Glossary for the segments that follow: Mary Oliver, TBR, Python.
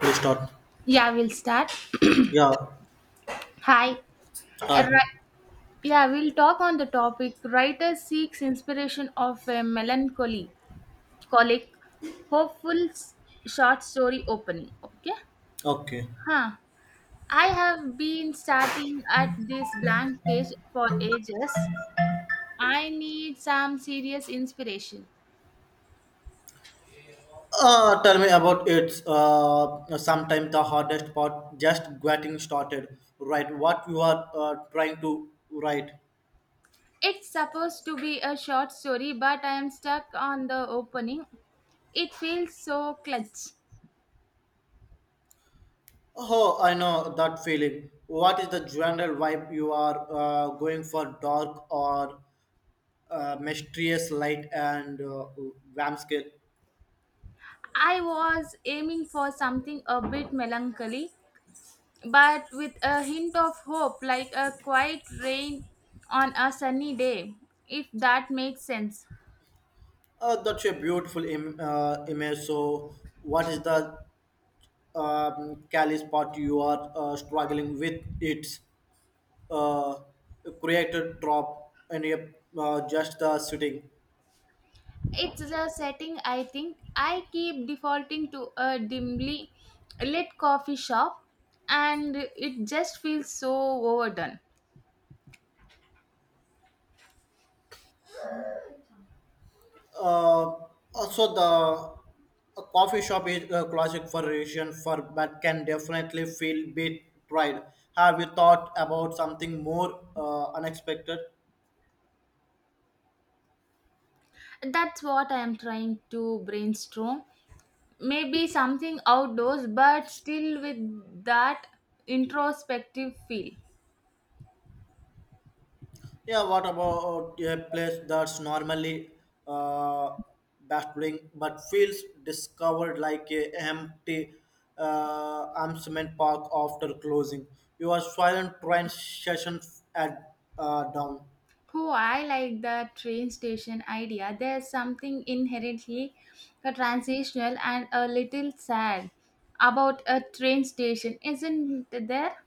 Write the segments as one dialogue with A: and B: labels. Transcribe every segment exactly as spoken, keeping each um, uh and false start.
A: We start.
B: Yeah, we'll start.
A: Yeah.
B: Hi.
A: Hi.
B: Ri- Yeah, we'll talk on the topic. Writer seeks inspiration of a melancholy, colic, hopeful s- short story opening. Okay.
A: Okay.
B: Huh. I have been starting at this blank page for ages. I need some serious inspiration.
A: Uh, tell me about it. Uh, sometimes the hardest part just getting started. Right. What you are uh, trying to write.
B: It's supposed to be a short story, but I am stuck on the opening. It feels so clutch.
A: Oh, I know that feeling. What is the general vibe you are uh, going for? Dark or uh, mysterious light and uh, vampscale?
B: I was aiming for something a bit melancholy, but with a hint of hope, like a quiet rain on a sunny day, if that makes sense.
A: Uh, that's a beautiful Im- uh, image. So, what is the um, callous part you are uh, struggling with? It. uh, created drop and yep, uh, just the sitting.
B: It's a setting. I think I keep defaulting to a dimly lit coffee shop, and it just feels so overdone.
A: Uh, also, the a coffee shop is a classic for Asian for but can definitely feel bit pride. Have you thought about something more uh, unexpected?
B: That's what I am trying to brainstorm. Maybe something outdoors, but still with that introspective feel.
A: Yeah, what about a place that's normally uh, baffling but feels discovered like a empty uh, amusement park after closing? Your silent train session at uh, down.
B: Oh, I like the train station idea. There's something inherently uh, transitional and a little sad about a train station, isn't there,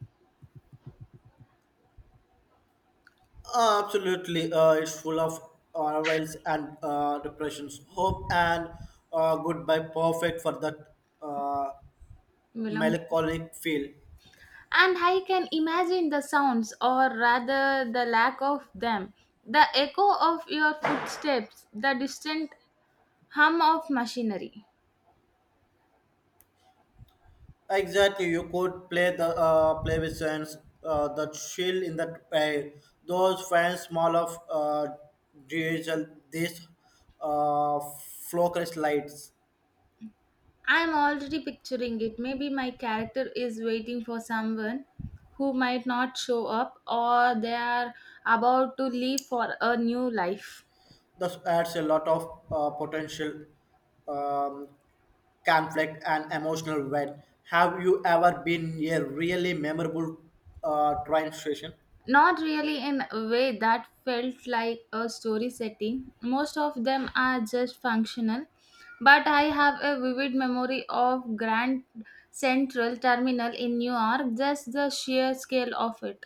A: Uh, absolutely, uh, it's full of arrivals and uh, depressions. Hope and uh, goodbye, perfect for that uh,
B: Willem?
A: melancholic feel.
B: And I can imagine the sounds, or rather the lack of them, the echo of your footsteps, the distant hum of machinery.
A: Exactly, you could play the uh, play with sense, uh, the chill in the pay. Those fans small of uh, diesel these uh, focus lights.
B: I'm already picturing it. Maybe my character is waiting for someone who might not show up, or they are about to leave for a new life.
A: This adds a lot of uh, potential um, conflict and emotional weight. Have you ever been a really memorable uh, train station?
B: Not really, in a way that felt like a story setting. Most of them are just functional. But I have a vivid memory of Grand Central Terminal in New York, just the sheer scale of it.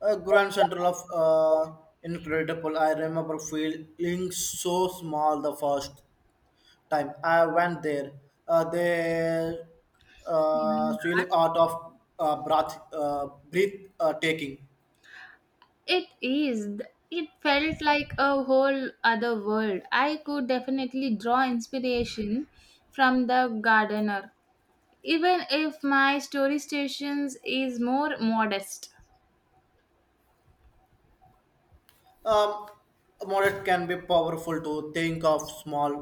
A: A grand central of uh, incredible. I remember feeling so small the first. Time I went there, uh, they uh,
B: And
A: really out of uh, breath, uh, breath uh, taking.
B: It is. th- It felt like a whole other world. I could definitely draw inspiration from the gardener, even if my story stations is more modest.
A: Um, Moderate can be powerful to think of small,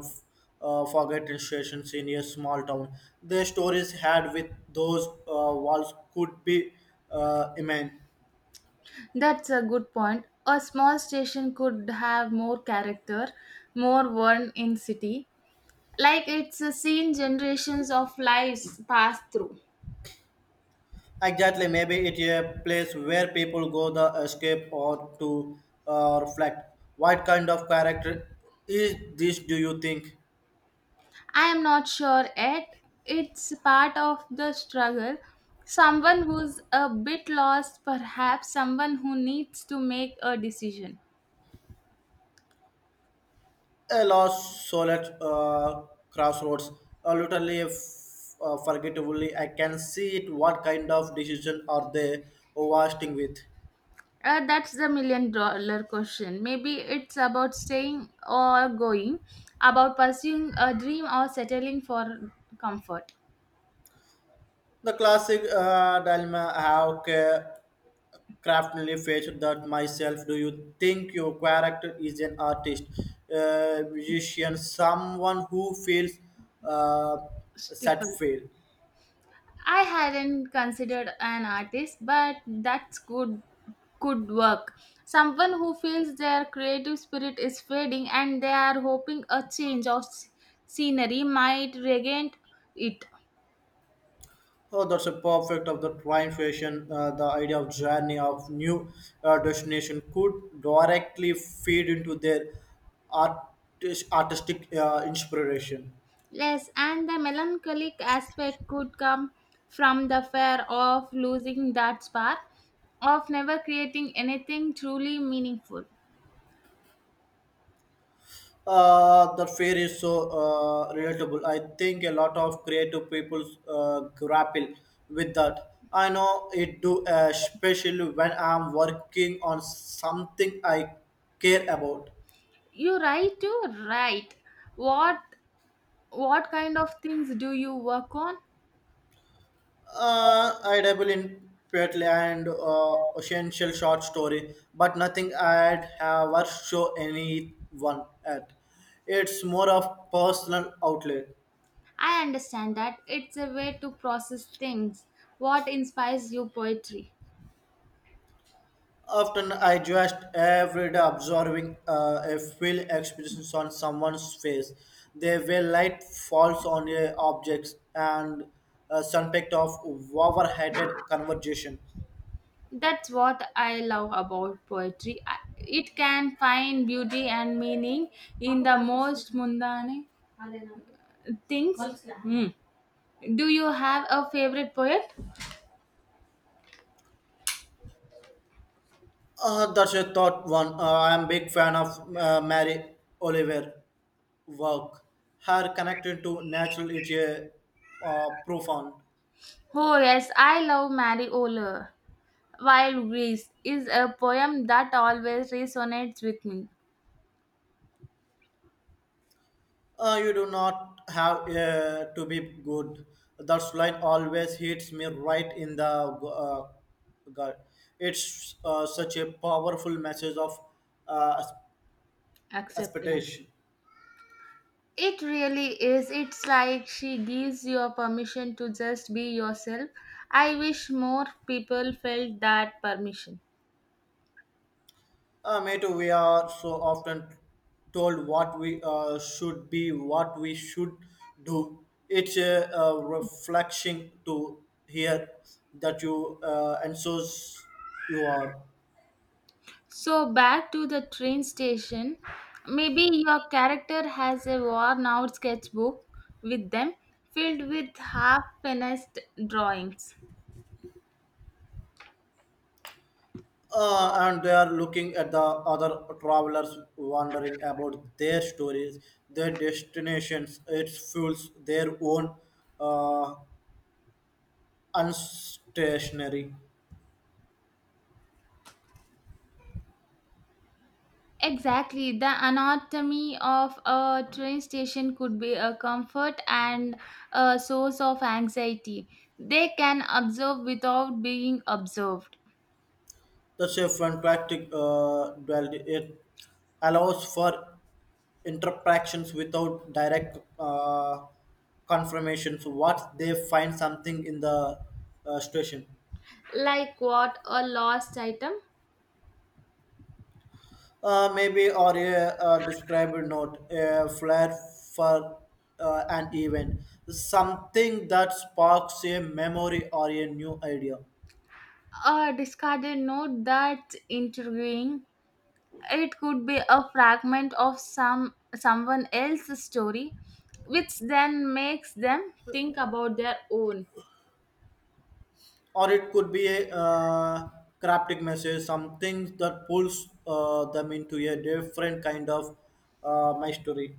A: uh, forgotten stations in a small town. The stories had with those uh, walls could be uh, immense.
B: That's a good point. A small station could have more character, more worn in city, like it's a seen generations of lives pass through.
A: Exactly, maybe it's a place where people go to escape or to uh, reflect. What kind of character is this? Do you think?
B: I am not sure yet. It's part of the struggle. Someone who's a bit lost, perhaps someone who needs to make a decision.
A: A lost soul at uh, crossroads, uh, literally f- uh, forgettably. I can see it. What kind of decision are they overstaying with?
B: Uh, that's the million dollar question. Maybe it's about staying or going, about pursuing a dream or settling for comfort.
A: The classic uh, dilemma I have ca- craftily faced that myself. Do you think your character is an artist, uh, musician, someone who feels uh, set
B: Stifle.
A: fail?
B: I hadn't considered an artist, but that's good, could work. Someone who feels their creative spirit is fading, and they are hoping a change of s- scenery might regain it.
A: Oh, that's a perfect of the train fashion. Uh, the idea of journey of new uh, destination could directly feed into their artis- artistic uh, inspiration.
B: Yes, and the melancholic aspect could come from the fear of losing that spark, of never creating anything truly meaningful.
A: Uh, the fear is so uh, relatable. I think a lot of creative people uh, grapple with that. I know it do, uh, especially when I'm working on something I care about.
B: You write to write. What what kind of things do you work on?
A: Uh, I dabble in poetry and uh, essential short story, but nothing I'd have ever show anyone at. It's more of personal outlet.
B: I understand, that it's a way to process things. What inspires you poetry?
A: Often I just every day observing uh, a feel expressions on someone's face. The way light falls on a objects and a subject of overheated conversation.
B: That's what I love about poetry. I- It can find beauty and meaning in the most mundane things. Hmm. Do you have a favorite poet?
A: Uh, that's a thought one. Uh, I'm big fan of uh, Mary Oliver work. Her connected to natural is a uh, profound.
B: Oh, yes, I love Mary Oliver. Wild Grease is a poem that always resonates with me.
A: Uh, you do not have uh, to be good. That line always hits me right in the uh, gut. It's uh, such a powerful message of uh,
B: Accepted.
A: expectation.
B: It really is. It's like she gives you a permission to just be yourself. I wish more people felt that permission.
A: Uh, me too. We are so often told what we uh, should be, what we should do. It's a, uh reflection to hear that you uh, and so s- you are.
B: So, back to the train station. Maybe your character has a worn out sketchbook with them, filled with half finished drawings.
A: Uh, and they are looking at the other travelers, wondering about their stories, their destinations. It fuels their own uh, unstationary.
B: Exactly. The anatomy of a train station could be a comfort and a source of anxiety. They can observe without being observed.
A: That's a fantastic uh, duality. It allows for interactions without direct uh, confirmations what they find something in the uh, station
B: Like what? A lost item?
A: uh, maybe or a, a described note a flare for uh, an event something that sparks a memory or a new idea
B: A discarded note, that's intriguing. It could be a fragment of some someone else's story, which then makes them think about their own.
A: or it could be a uh, cryptic message something that pulls uh, them into a different kind of uh, mystery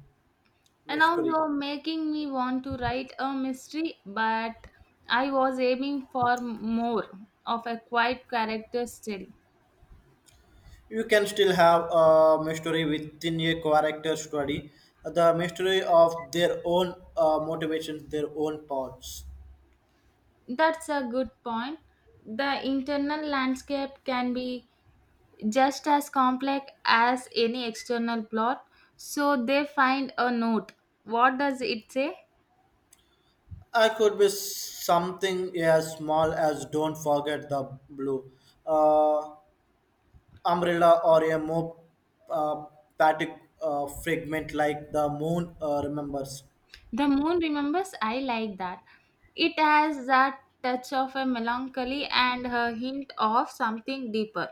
B: And now
A: mystery.
B: you're making me want to write a mystery, but I was aiming for more of a quiet character still.
A: You can still have a mystery within a character study, the mystery of their own uh, motivations, their own paths.
B: That's a good point. The internal landscape can be just as complex as any external plot. So they find a note. What does it say?
A: I could be something as small as don't forget the blue uh, umbrella or a more uh, patic uh, fragment like the moon uh, remembers.
B: The moon remembers. I like that. It has that touch of a melancholy and a hint of something deeper.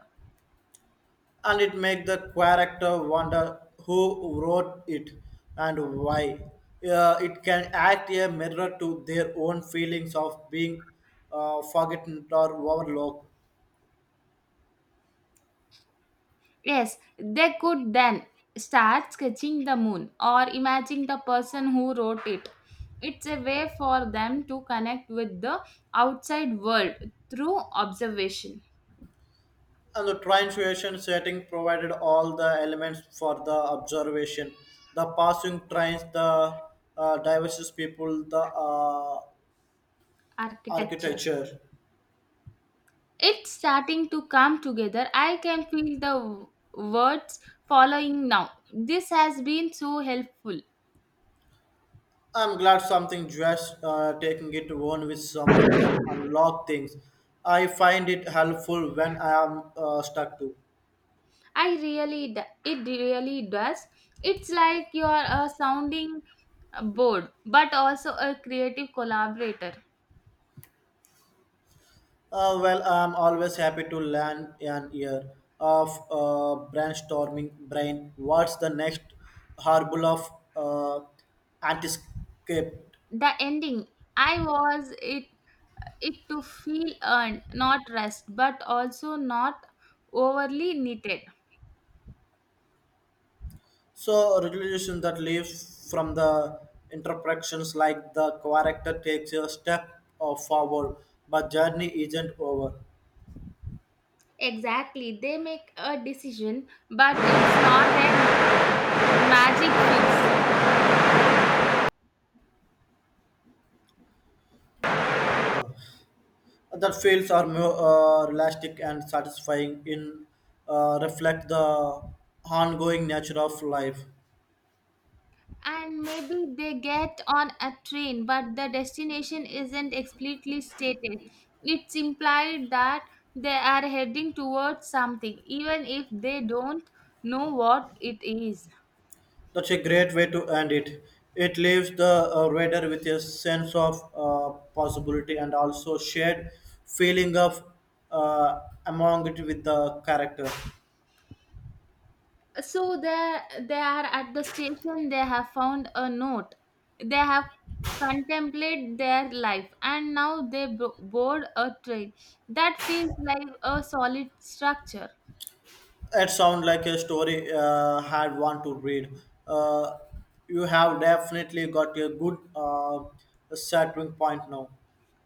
A: And it make the character wonder who wrote it and why. Uh, it can act a mirror to their own feelings of being uh, forgotten or overlooked.
B: Yes, they could then start sketching the moon or imagine the person who wrote it. It's a way for them to connect with the outside world through observation.
A: And the translation setting provided all the elements for the observation. The passing trains, the uh, diverse people, the uh,
B: Architecture.
A: architecture.
B: It's starting to come together. I can feel the w- words following now. This has been so helpful.
A: I'm glad something just uh, taking it one with someone can unlock things. I find it helpful when I am uh, stuck too.
B: I really, d- it really does. It's like you're a sounding board, but also a creative collaborator.
A: Uh, well, I'm always happy to land an ear of uh, brainstorming brain. What's the next harbor of uh, anticipate?
B: The ending, I was it it to feel earned, not rest, but also not overly needed.
A: So, resolution that leaves from the interpretations like the character takes a step uh, forward, but journey isn't over.
B: Exactly, they make a decision, but it's not a magic fix.
A: Huh. That feels are more uh, realistic and satisfying in uh, reflect the ongoing nature of life.
B: And maybe they get on a train, but the destination isn't explicitly stated. It's implied that they are heading towards something, even if they don't know what it is.
A: That's a great way to end it. It leaves the uh, reader with a sense of uh, possibility and also shared feeling of uh, among it with the character.
B: So they they are at the station, they have found a note, they have contemplated their life, and now they bo- board a train. That feels like a solid structure.
A: It sounds like a story uh, had one to read. Uh, you have definitely got a good uh, starting point now.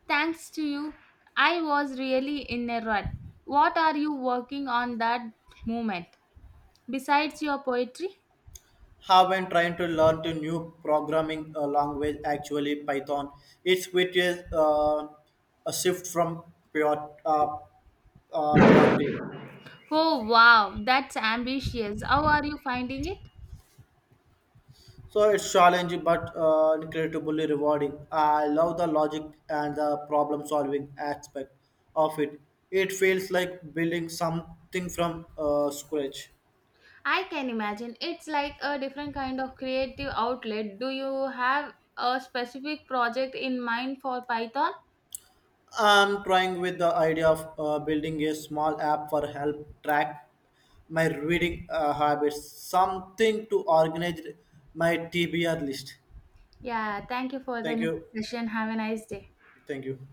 B: Thanks to you, I was really in a rut. What are you working on that moment, besides your poetry?
A: Have been trying to learn to new programming uh, language, actually Python. It's quite a, uh, a shift from pure uh, uh, purity.
B: Oh, wow, that's ambitious. How are you finding it?
A: So it's challenging but uh, incredibly rewarding. I love the logic and the problem solving aspect of it. It feels like building something from uh, scratch.
B: I can imagine. It's like a different kind of creative outlet. Do you have a specific project in mind for Python?
A: I'm trying with the idea of uh, building a small app for help track my reading uh, habits, something to organize my T B R list.
B: Yeah, thank you for the
A: Thank
B: next
A: you.
B: session. Have a nice day.
A: Thank you.